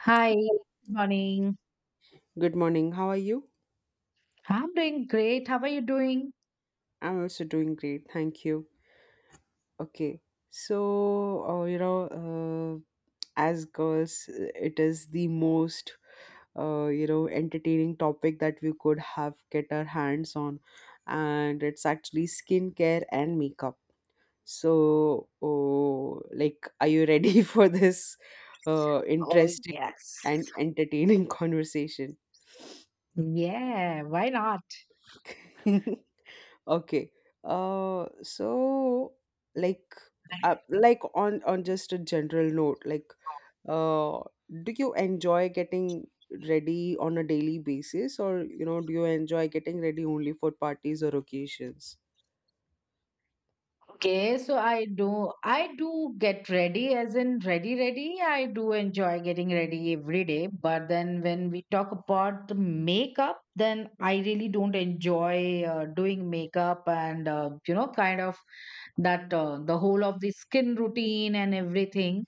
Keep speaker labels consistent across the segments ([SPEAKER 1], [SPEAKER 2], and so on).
[SPEAKER 1] Hi, good morning.
[SPEAKER 2] Good morning. How are you?
[SPEAKER 1] I'm doing great. How are you doing?
[SPEAKER 2] I'm also doing great. Thank you. Okay. So, as girls, it is the most, entertaining topic that we could have get our hands on. And it's actually skincare and makeup. So, oh, like, are you ready for this
[SPEAKER 1] Oh,
[SPEAKER 2] interesting
[SPEAKER 1] yes.
[SPEAKER 2] and entertaining conversation?
[SPEAKER 1] Yeah, why not?
[SPEAKER 2] Okay. So like like on just a general note, like uh, do you enjoy getting ready on a daily basis, or do you enjoy getting ready only for parties or occasions?
[SPEAKER 1] Okay, so I do get ready as in ready ready. I do enjoy getting ready every day, but then when we talk about the makeup, then I really don't enjoy doing makeup and kind of that the whole of the skin routine and everything.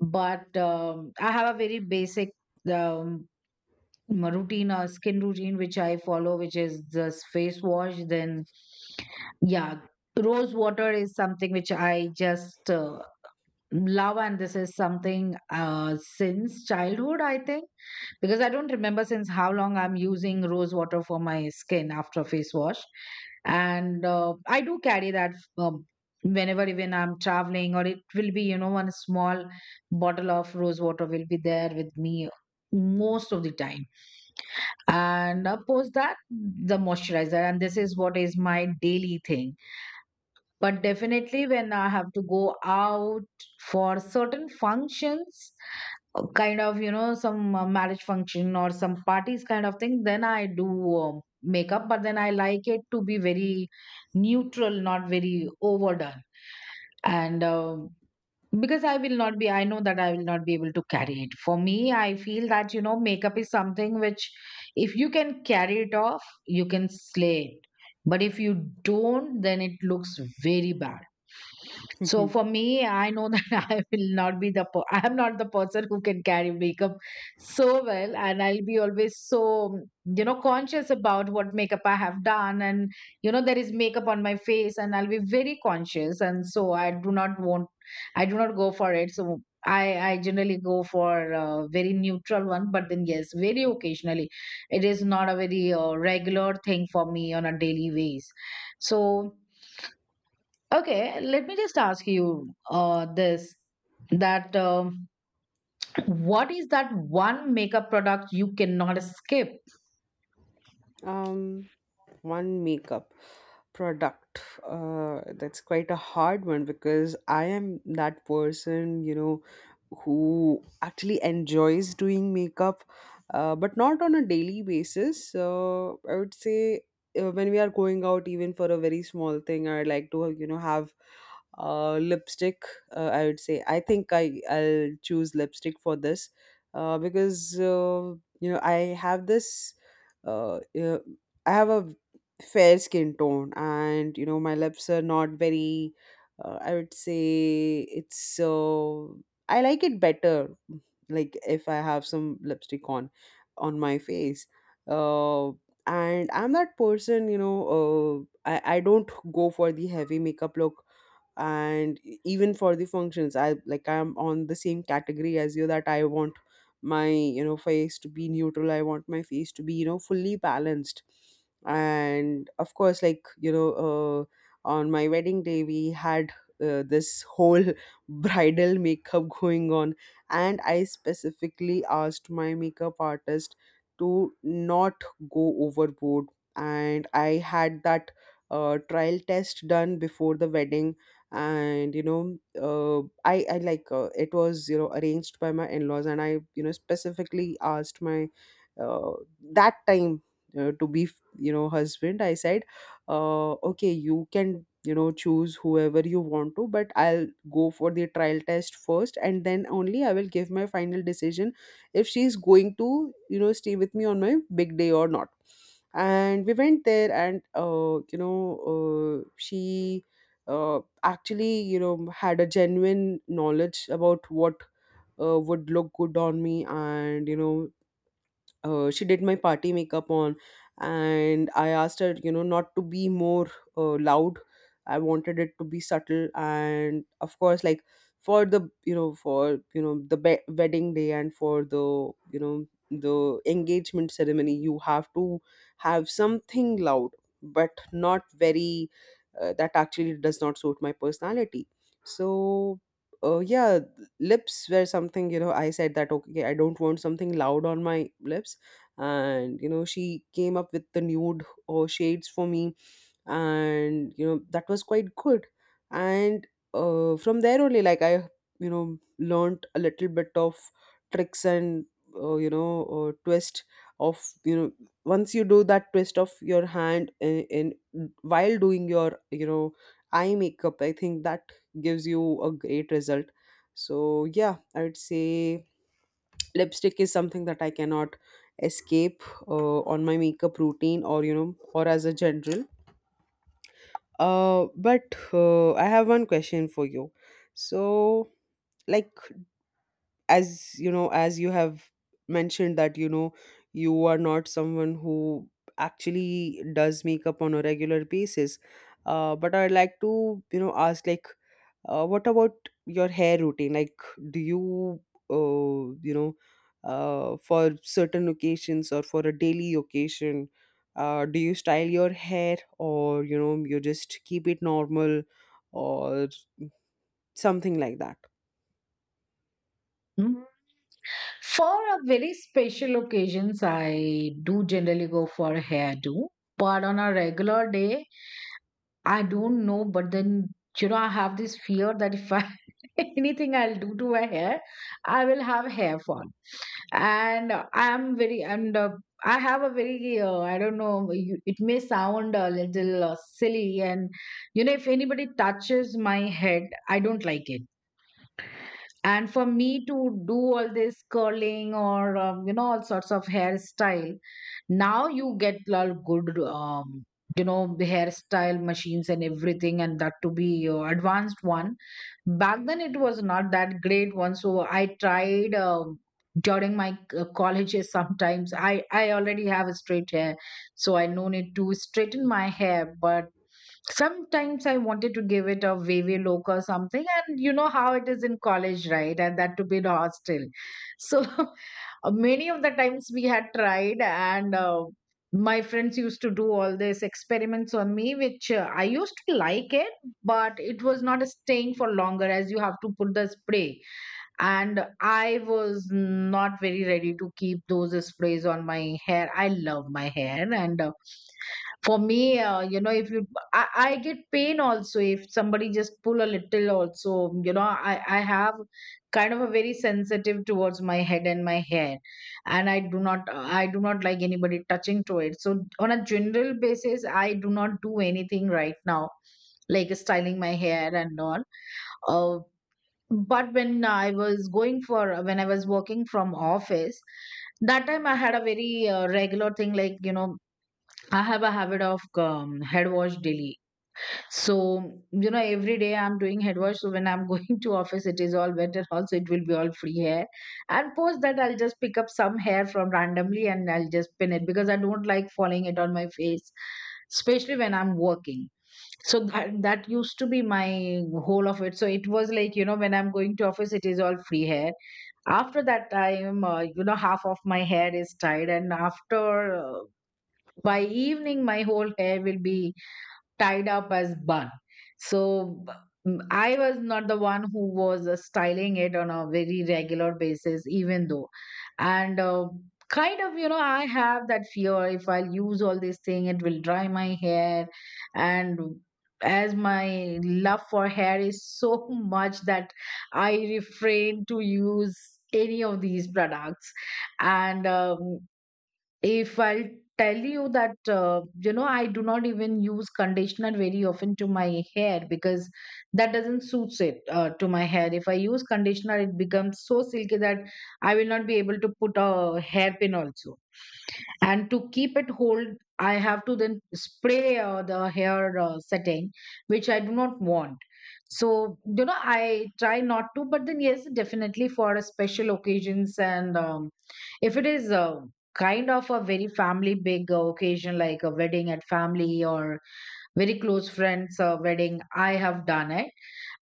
[SPEAKER 1] But I have a very basic um, my routine or skin routine which I follow, which is just face wash. Then, yeah, rose water is something which I just love, and this is something since childhood, I think, because I don't remember since how long I'm using rose water for my skin after face wash. And I do carry that um, whenever even I'm traveling, or it will be, you know, one small bottle of rose water will be there with me most of the time, and post that the moisturizer, and this is what is my daily thing. But definitely when I have to go out for certain functions, kind of, you know, some marriage function or some parties kind of thing, then I do makeup, but then I like it to be very neutral, not very overdone. And because I will not be, I know that I will not be able to carry it. For me, I feel that, you know, makeup is something which, if you can carry it off, you can slay it. But if you don't, then it looks very bad. So for me, I know that I will not be the I am not the person who can carry makeup so well, and I'll be always so, you know, conscious about what makeup I have done, and you know there is makeup on my face, and I'll be very conscious, and so I do not go for it. So I generally go for a very neutral one, but then yes, very occasionally, it is not a very regular thing for me on a daily basis. So okay, let me just ask you this that, what is that one makeup product you cannot skip?
[SPEAKER 2] um One makeup product, that's quite a hard one, because I am that person, you know, who actually enjoys doing makeup, but not on a daily basis. So I would say, when we are going out, even for a very small thing, I like to, you know, have lipstick. I would say, I think I'll choose lipstick for this, because, you know, uh, uh, I have a fair skin tone, and you know, my lips are not very, I would say, it's so, I like it better, like if I have some lipstick on my face. uh, and I'm that person, you know. I don't go for the heavy makeup look. And even for the functions, I'm on the same category as you, that I want my, you know, face to be neutral. I want my face to be, you know, fully balanced. And of course, like, you know, on my wedding day we had this whole bridal makeup going on, and I specifically asked my makeup artist to not go overboard. And I had that trial test done before the wedding. And you know, uh, I like it was, you know, arranged by my in-laws, and I, you know, specifically asked my, uh, that time, to be, you know, husband, I said, okay, you can, you know, choose whoever you want to, but I'll go for the trial test first, and then only I will give my final decision if she's going to, you know, stay with me on my big day or not. And we went there, and you know, she actually, you know, had a genuine knowledge about what would look good on me. And you know, she did my party makeup on, and I asked her, you know, not to be more loud. I wanted it to be subtle, and of course, like, for the for you know the be- wedding day, and for the you know the engagement ceremony, you have to have something loud, but not very, that actually does not suit my personality. So yeah, lips were something, you know, I said that, okay, I don't want something loud on my lips. And you know, she came up with the nude or shades for me, and you know, that was quite good. And from there only, like, I, you know, learned a little bit of tricks and you know, twist of, you know, once you do that twist of your hand in while doing your, you know, eye makeup, I think that gives you a great result. So yeah, I would say lipstick is something that I cannot escape, on my makeup routine, or you know, or as a general. But I have one question for you. So, like, as you know, as you have mentioned that you know, you are not someone who actually does makeup on a regular basis, but I'd like to, you know, ask, like, what about your hair routine, like, do you you know for certain occasions or for a daily occasion, do you style your hair, or you know, you just keep it normal, or something like that?
[SPEAKER 1] Hmm? For a very special occasions, I do generally go for hairdo, but on a regular day, I don't know, but then, you know, I have this fear that if I anything I'll do to my hair, I will have hair fall. And I have a very, I don't know, it may sound a little silly. And, you know, if anybody touches my head, I don't like it, and for me to do all this curling or all sorts of hairstyle. Now you get a good you know, the hairstyle machines and everything, and that to be advanced one. Back then it was not that great one, so I tried, during my colleges, sometimes I already have a straight hair, so I no need to straighten my hair, but sometimes I wanted to give it a wavy look or something, and you know how it is in college, right? And that to be in a hostel. So many of the times we had tried, and my friends used to do all these experiments on me, which I used to like it, but it was not staying for longer as you have to put the spray. And I was not very ready to keep those sprays on my hair. I love my hair, and for me you know if you I get pain also if somebody just pull a little also, you know, I have kind of a very sensitive towards my head and my hair, and I do not like anybody touching to it. So on a general basis I do not do anything right now, like styling my hair and all. uh, but when I was working from office, that time I had a very regular thing, like, you know, I have a habit of head wash daily. So, you know, every day I'm doing head wash. So when I'm going to office, it is all wet, and also it will be all free hair. And post that I'll just pick up some hair from randomly, and I'll just pin it because I don't like falling it on my face, especially when I'm working. So that used to be my whole of it. So it was like, you know, when I'm going to office, it is all free hair. After that time, you know, half of my hair is tied. And after, by evening my whole hair will be tied up as bun. So I was not the one who was styling it on a very regular basis, even though. And kind of, you know, I have that fear if I'll use all this thing it will dry my hair, and as my love for hair is so much that I refrain to use any of these products. And if I'll tell you that, you know, I do not even use conditioner very often to my hair because that doesn't suits it to my hair. If I use conditioner, it becomes so silky that I will not be able to put a hairpin also, and to keep it hold I have to then spray the hair setting, which I do not want. So you know, I try not to, but then yes, definitely for a special occasions. And if it is, kind of a very family big occasion, like a wedding at family or very close friends wedding, I have done it.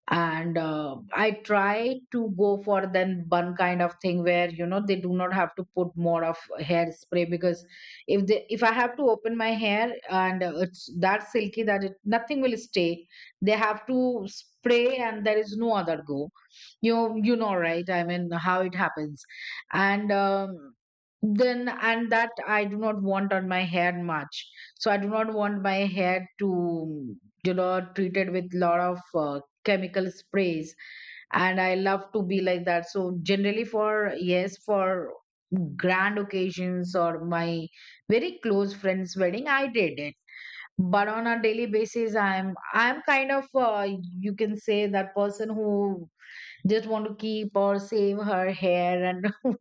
[SPEAKER 1] And I try to go for then bun kind of thing, where you know they do not have to put more of hairspray, because if they, if I have to open my hair and it's that silky that it nothing will stay, they have to spray and there is no other go. You know, right? I mean, how it happens. And um, then and that I do not want on my hair much. So I do not want my hair to, you know, treated with lot of chemical sprays, and I love to be like that. So generally for, yes, for grand occasions or my very close friends wedding, I did it, but on a daily basis I'm kind of, you can say, that person who just want to keep or save her hair and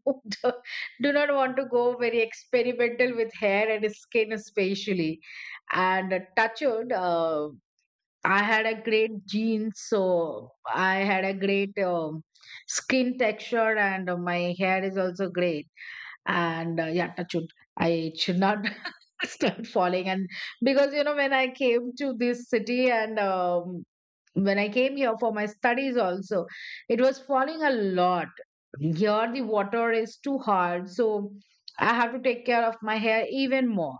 [SPEAKER 1] do not want to go very experimental with hair and skin especially. And touch wood, I had a great jeans, so I had a great, skin texture, and my hair is also great. And yeah, touch wood, I should not start falling. And because you know, when I came to this city, and when I came here for my studies also, it was falling a lot. Here the water is too hard, so I have to take care of my hair even more.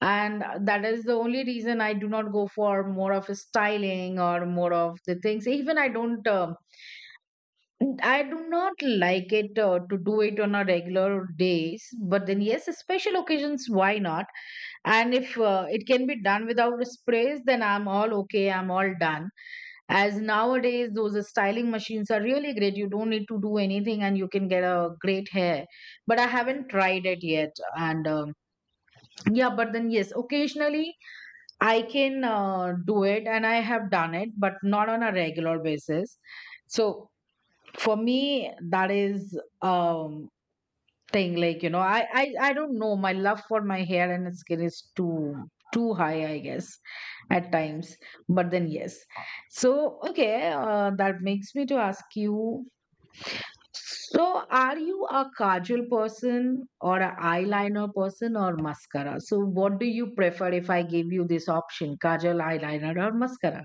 [SPEAKER 1] And that is the only reason I do not go for more of a styling or more of the things. Even I do not like it to do it on a regular days. But then yes, special occasions, why not? And if it can be done without sprays, then I'm all okay, I'm all done, as nowadays those styling machines are really great. You don't need to do anything and you can get a great hair. But I haven't tried it yet. And yeah, but then yes, occasionally I can do it, and I have done it, but not on a regular basis. So for me that is um thing, like, you know, I don't know, my love for my hair and skin is too too high, I guess, at times. But then yes. So okay, that makes me to ask you, so are you a kajal person or an eyeliner person or mascara? So what do you prefer if I give you this option: kajal, eyeliner, or mascara?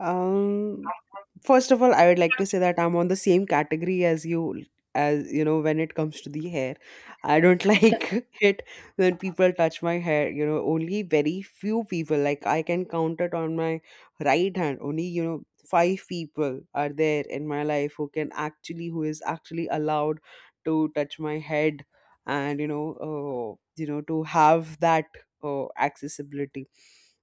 [SPEAKER 2] Um, First of all, I would like to say that I'm on the same category as you know, when it comes to the hair. I don't like it when people touch my hair, you know. Only very few people, like, I can count it on my right hand. Only, you know, five people are there in my life who is actually allowed to touch my head, and, you know, to have that accessibility.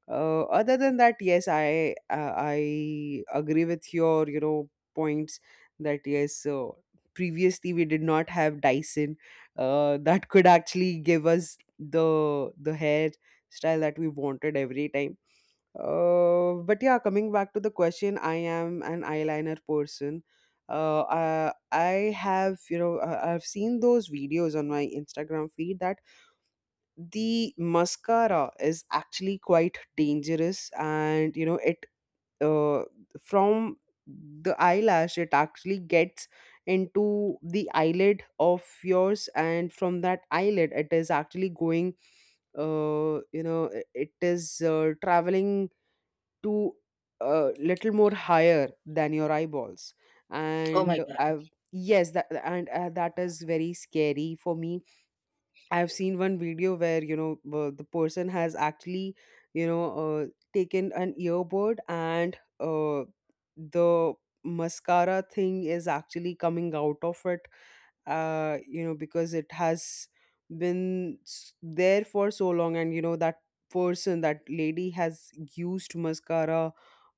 [SPEAKER 2] Other than that, yes, I agree with your, you know, points. That yes, previously we did not have Dyson, that could actually give us the hair style that we wanted every time. But yeah, coming back to the question, I am an eyeliner person. I have you know I- I've seen those videos on my Instagram feed that the mascara is actually quite dangerous. And you know, it, uh, from the eyelash it actually gets into the eyelid of yours, and from that eyelid it is actually going, it is, traveling to a little more higher than your eyeballs.
[SPEAKER 1] Oh my
[SPEAKER 2] And
[SPEAKER 1] God.
[SPEAKER 2] I've yes, that is very scary for me. I've seen one video where, you know, the person has actually, you know, taken an earbud, and the mascara thing is actually coming out of it, you know, because it has been there for so long. And you know, that person, that lady, has used mascara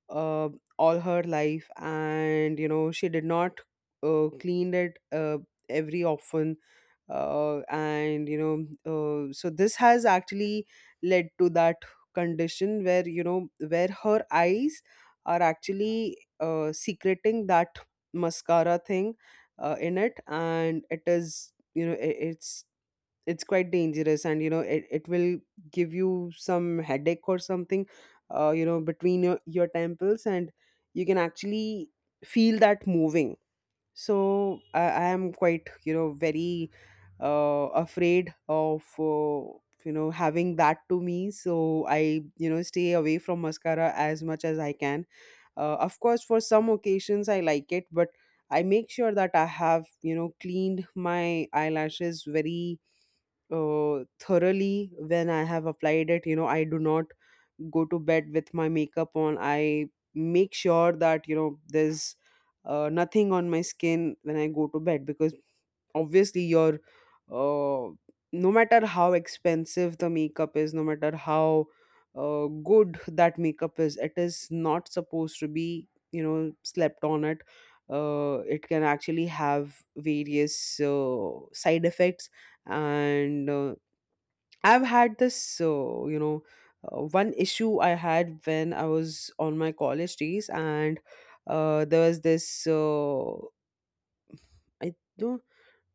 [SPEAKER 2] uh, all her life, and you know, she did not cleaned it every often. And you know, so this has actually led to that condition where you know where her eyes are actually secreting that mascara thing in it, and it is, it's quite dangerous. And you know, it will give you some headache or something, you know, between your temples, and you can actually feel that moving. So I am quite, you know, very afraid of, you know, having that to me. So I, you know, stay away from mascara as much as I can. Of course, for some occasions I like it, but I make sure that I have, you know, cleaned my eyelashes very thoroughly when I have applied it. You know, I do not go to bed with my makeup on. I make sure that, you know, there's nothing on my skin when I go to bed, because obviously your, uh, no matter how expensive the makeup is, no matter how good that makeup is, it is not supposed to be, you know, slept on it. It can actually have various side effects. And I've had this, you know, one issue I had when I was on my college days, and there was this. I don't.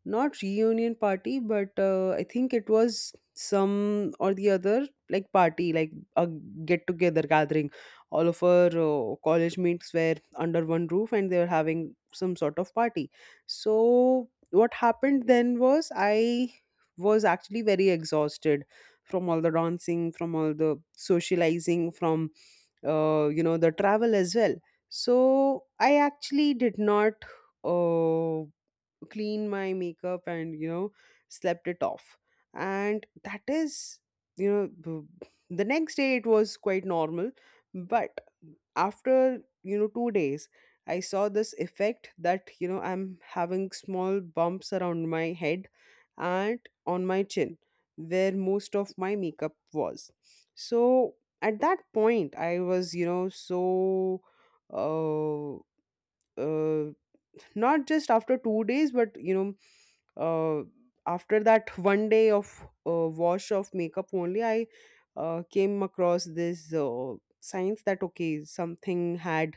[SPEAKER 2] Not reunion party, but I think it was some or the other, like party, like a get together gathering. All of our college mates were under one roof, and they were having some sort of party. So what happened then was, I was actually very exhausted from all the dancing, from all the socializing, from you know, the travel as well. So I actually did not uh, clean my makeup, and you know, slept it off. And that is, the next day it was quite normal. But after, 2 days, I saw this effect that, you know, I'm having small bumps around my head, and on my chin, where most of my makeup was. So at that point I was, so, uh, uh not just after 2 days, but you know, uh, after that one day of wash of makeup only, I came across this, signs that, okay, something had,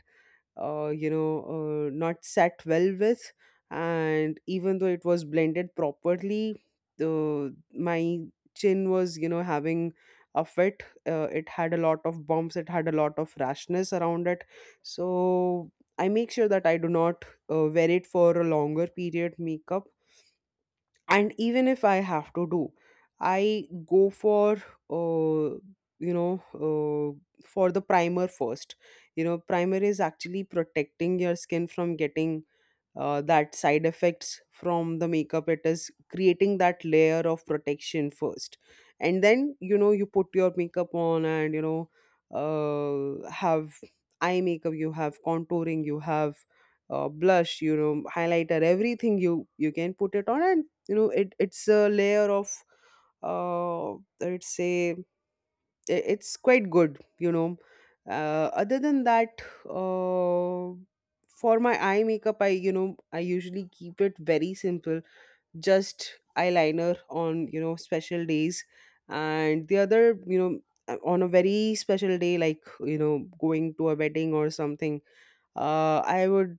[SPEAKER 2] you know, not sat well with. And even though it was blended properly, uh, my chin was, you know, having a fit. It had a lot of bumps, it had a lot of rashness around it. So I make sure that I do not wear it for a longer period makeup. And even if I have to do, I go uh, you know uh, for the primer first. You know, primer is actually protecting your skin from getting, that side effects from the makeup. It is creating that layer of protection first, and then you know, you put your makeup on, and you know, have eye makeup, you have contouring, you have blush, you know, highlighter, everything, you can put it on, and you know, it's a layer of, uh, let's say, it's quite good, you know. Other than that, uh, for my eye makeup, I you know I usually keep it very simple. Just eyeliner on, you know, special days. And the other, you know, on a very special day, like, you know, going to a wedding or something, I would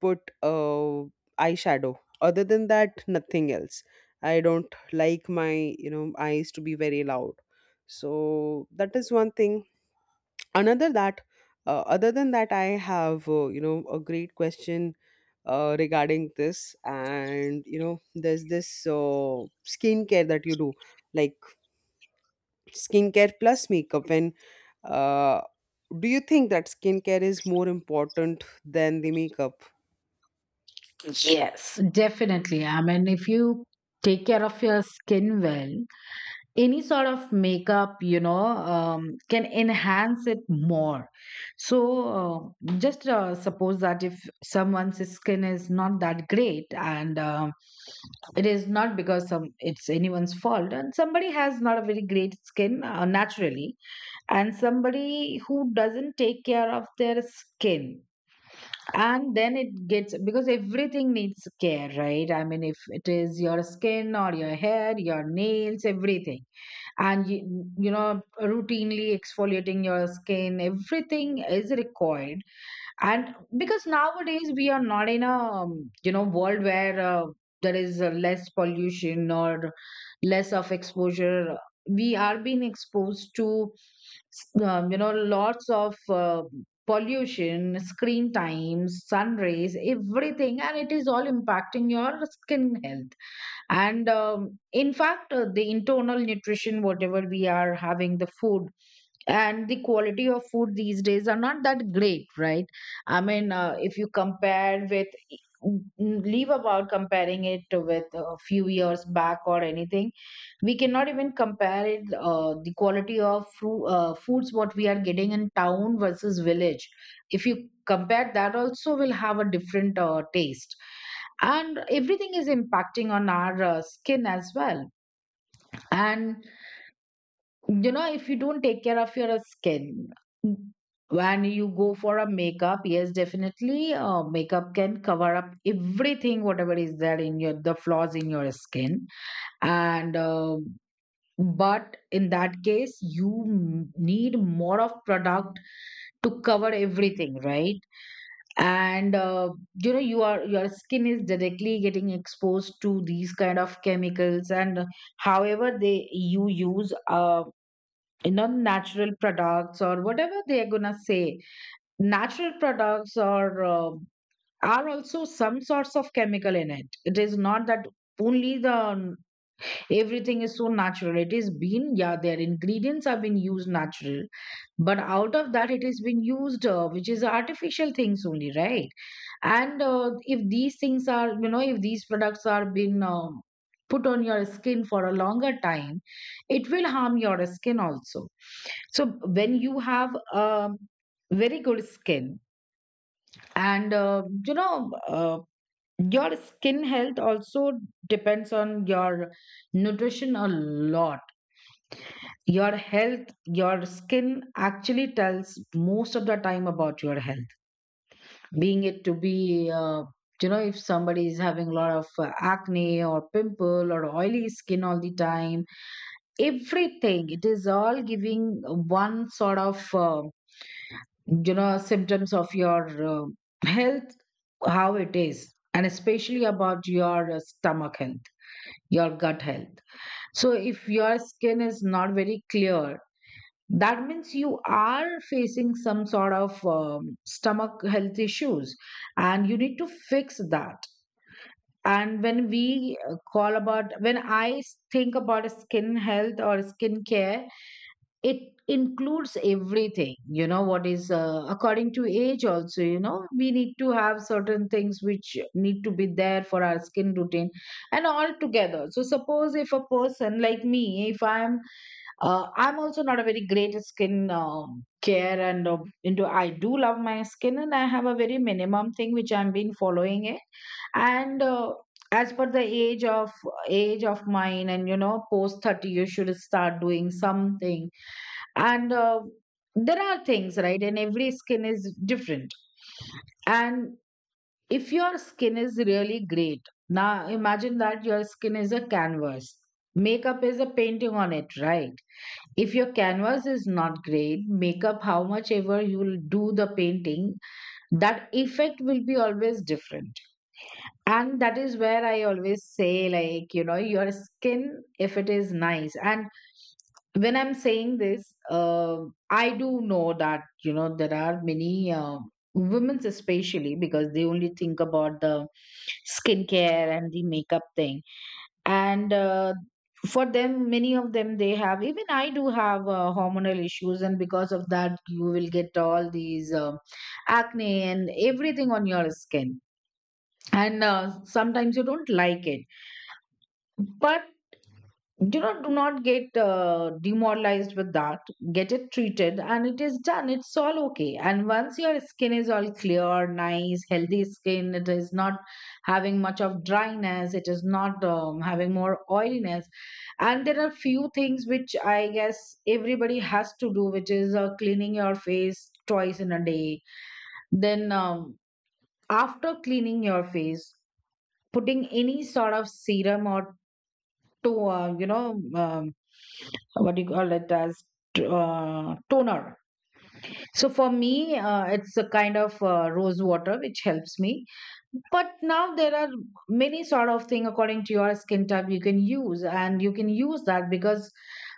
[SPEAKER 2] put eyeshadow. Other than that, nothing else. I don't like my, you know, eyes to be very loud. So that is one thing. Another that Other than that, I have, you know, a great question, regarding this. And you know, there's this skincare that you do, like skincare plus makeup. When uh, do you think that skincare is more important than the makeup?
[SPEAKER 1] Yes, definitely. I mean, if you take care of your skin well, any sort of makeup, you know, can enhance it more. So just suppose that if someone's skin is not that great, and it is not because some it's anyone's fault and somebody has not a very great skin naturally, and somebody who doesn't take care of their skin, and then it gets because everything needs care, right? I mean, if it is your skin or your hair, your nails, everything. and you, you know, routinely exfoliating your skin, everything is required. And because nowadays we are not in a you know, world where there is less pollution or less of exposure. We are being exposed to you know, lots of pollution, screen times, sun rays, everything, and it is all impacting your skin health. And in fact, the internal nutrition, whatever we are having, the food, and the quality of food these days are not that great, right? I mean, if you compare with, leave about comparing it with a few years back or anything, we cannot even compare it. The quality of foods what we are getting in town versus village, if you compare that also will have a different taste, and everything is impacting on our skin as well. And you know, if you don't take care of your skin, when you go for a makeup, yes, definitely makeup can cover up everything, whatever is there, in your, the flaws in your skin. And But in that case, you need more of product to cover everything, right? and You know, you are, your skin is directly getting exposed to these kind of chemicals, and however they, you use non-natural products, or whatever they are gonna say natural products, or are also some sorts of chemical in it. It is not that only the everything is so natural, it is been, yeah, their ingredients have been used natural, but out of that, it has been used which is artificial things only, right? and If these things are, you know, if these products are being put on your skin for a longer time, it will harm your skin also. So when you have very good skin, and you know your skin health also depends on your nutrition a lot. Your health, your skin actually tells most of the time about your health, being it to be you know, if somebody is having a lot of acne or pimple or oily skin all the time, everything, it is all giving one sort of, you know, symptoms of your uh, health, how it is, and especially about your stomach health, your gut health. So if your skin is not very clear, that means you are facing some sort of stomach health issues, and you need to fix that. And when we call about, when I think about skin health or skin care, it includes everything. You know, what is according to age also, you know, we need to have certain things which need to be there for our skin routine, and all together. So suppose if a person like me, if I'm I'm also not a very great skin care, and into, I do love my skin and I have a very minimum thing which I've been following it. And As per the age of mine, and you know, post 30 you should start doing something. And There are things, right? And every skin is different. And if your skin is really great, now imagine that your skin is a canvas, makeup is a painting on it, right? If your canvas is not great, makeup, how much ever you will do the painting, that effect will be always different. And that is where I always say, like, you know, your skin, if it is nice. And when I'm saying this, I do know that, you know, there are many women's, especially, because they only think about the skincare and the makeup thing. And For them, many of them, they have, even I do have hormonal issues, and because of that you will get all these acne and everything on your skin. And Sometimes you don't like it, but you know, do not get demoralized with that. Get it treated and it is done, it's all okay. And once your skin is all clear, nice healthy skin, it is not having much of dryness, it is not having more oiliness. And there are few things which I guess everybody has to do, which is cleaning your face twice in a day. Then after cleaning your face, putting any sort of serum or to what do you call it as, toner. So for me, it's a kind of rose water which helps me. But now there are many sort of thing according to your skin type you can use, and you can use that because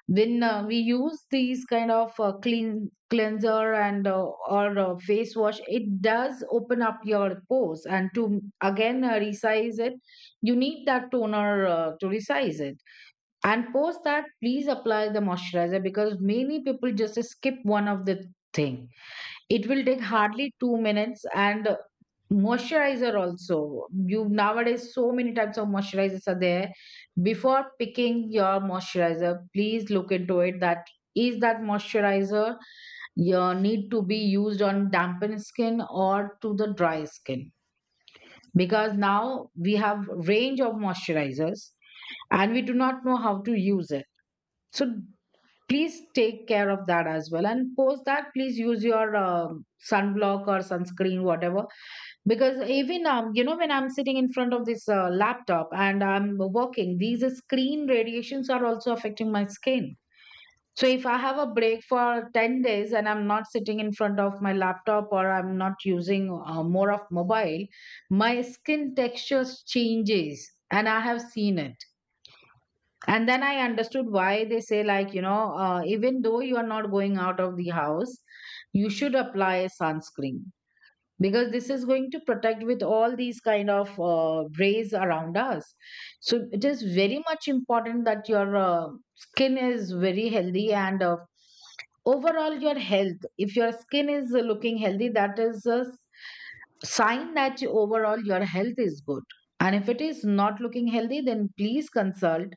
[SPEAKER 1] when we use these kind of cleanser and or face wash, it does open up your pores, and to again resize it, you need that toner to resize it. And post that, please apply the moisturizer, because many people just skip one of the thing. It will take hardly 2 minutes. And moisturizer also, you, nowadays so many types of moisturizers are there. Before picking your moisturizer, please look into it that, is that moisturizer you need to be used on dampened skin or to the dry skin, because now we have range of moisturizers and we do not know how to use it. So please take care of that as well. And post that, please use your sunblock or sunscreen, whatever. Because even you know, when I'm sitting in front of this laptop and I'm working, these screen radiations are also affecting my skin. So if I have a break for 10 days and I'm not sitting in front of my laptop, or I'm not using more of mobile, my skin texture changes, and I have seen it. And then I understood why they say, like, you know, even though you are not going out of the house, you should apply sunscreen, because this is going to protect with all these kind of rays around us. So it is very much important that your skin is very healthy, and overall your health, if your skin is looking healthy, that is a sign that overall your health is good. And if it is not looking healthy, then please consult.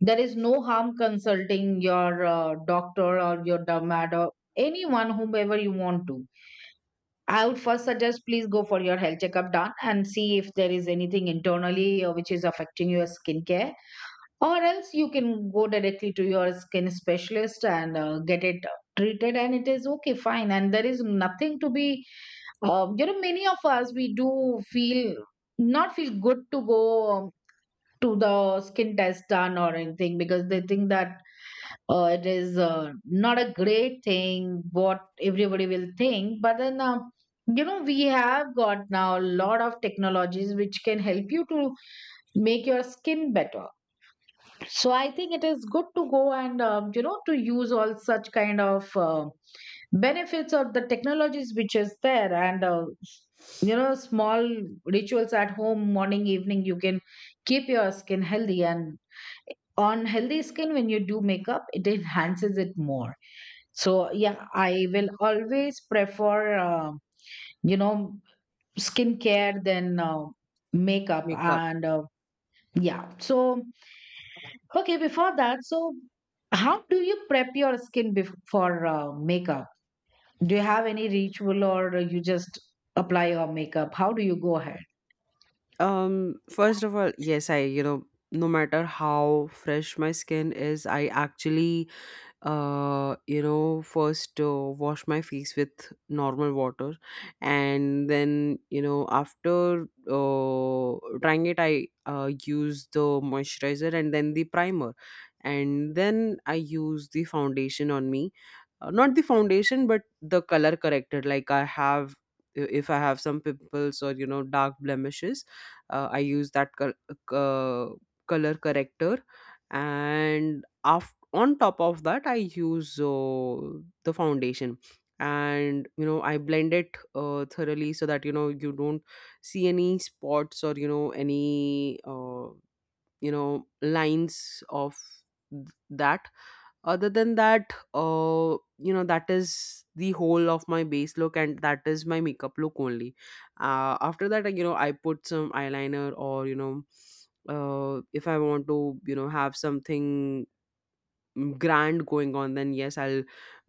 [SPEAKER 1] There is no harm consulting your doctor or your dermat or anyone, whomever you want to. I would first suggest please go for your health checkup done and see if there is anything internally which is affecting your skincare, or else you can go directly to your skin specialist and get it treated, and it is okay, fine. And there is nothing to be, you know, many of us, we do feel, not feel good to go to the skin test done or anything, because they think that it is not a great thing, what everybody will think. But then you know, we have got now a lot of technologies which can help you to make your skin better. So I think it is good to go and you know, to use all such kind of benefits of the technologies which is there. And You know, small rituals at home, morning, evening, you can keep your skin healthy, and on healthy skin when you do makeup, it enhances it more. So yeah, I will always prefer you know, skincare than makeup
[SPEAKER 2] Makeup.
[SPEAKER 1] and yeah. So okay, before that, so how do you prep your skin before makeup? Do you have any ritual, or you just apply your makeup? How do you go ahead?
[SPEAKER 2] First of all, yes, I, you know, no matter how fresh my skin is, I actually, you know, first wash my face with normal water, and then, you know, after drying it, I use the moisturizer and then the primer, and then I use the foundation on me, not the foundation but the color corrected, like I have if I have some pimples or, you know, dark blemishes, I use that uh, color corrector. And on top of that, I use the foundation, and you know, I blend it thoroughly, so that you know, you don't see any spots or, you know, any, you know, lines of th- that other than that. You know, that is the whole of my base look, and that is my makeup look only. After that, like, you know, I put some eyeliner, or you know, if I want to, you know, have something grand going on, then yes, I'll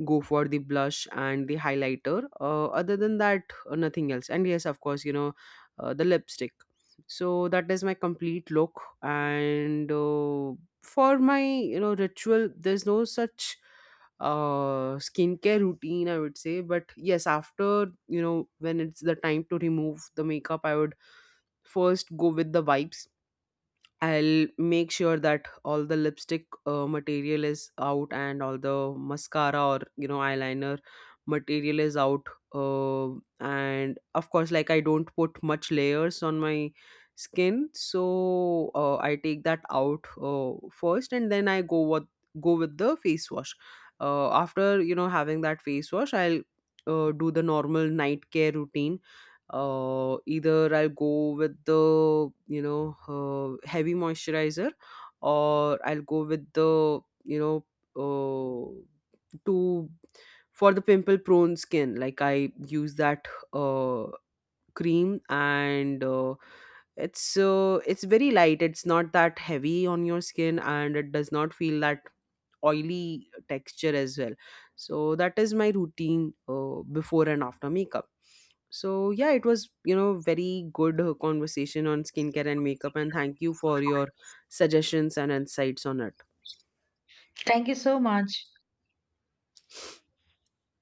[SPEAKER 2] go for the blush and the highlighter. Other than that, nothing else. And yes, of course, you know, the lipstick. So that is my complete look. And for my, you know, ritual, there's no such skincare routine, I would say. But yes, after, you know, when it's the time to remove the makeup, I would first go with the vibes. I'll make sure that all the lipstick material is out, and all the mascara or, you know, eyeliner material is out. Uh, and of course, like, I don't put much layers on my skin, so I take that out first, and then I go with the face wash. After, you know, having that face wash, I'll do the normal night care routine. Either I'll go with the, you know, heavy moisturizer, or I'll go with the, you know to for the pimple prone skin, like I use that uh, cream. And it's very light. It's not that heavy on your skin, and it does not feel that oily texture as well. So that is my routine, before and after makeup. So yeah, it was, you know, very good conversation on skincare and makeup, and thank you for your suggestions and insights on it.
[SPEAKER 1] Thank you so much.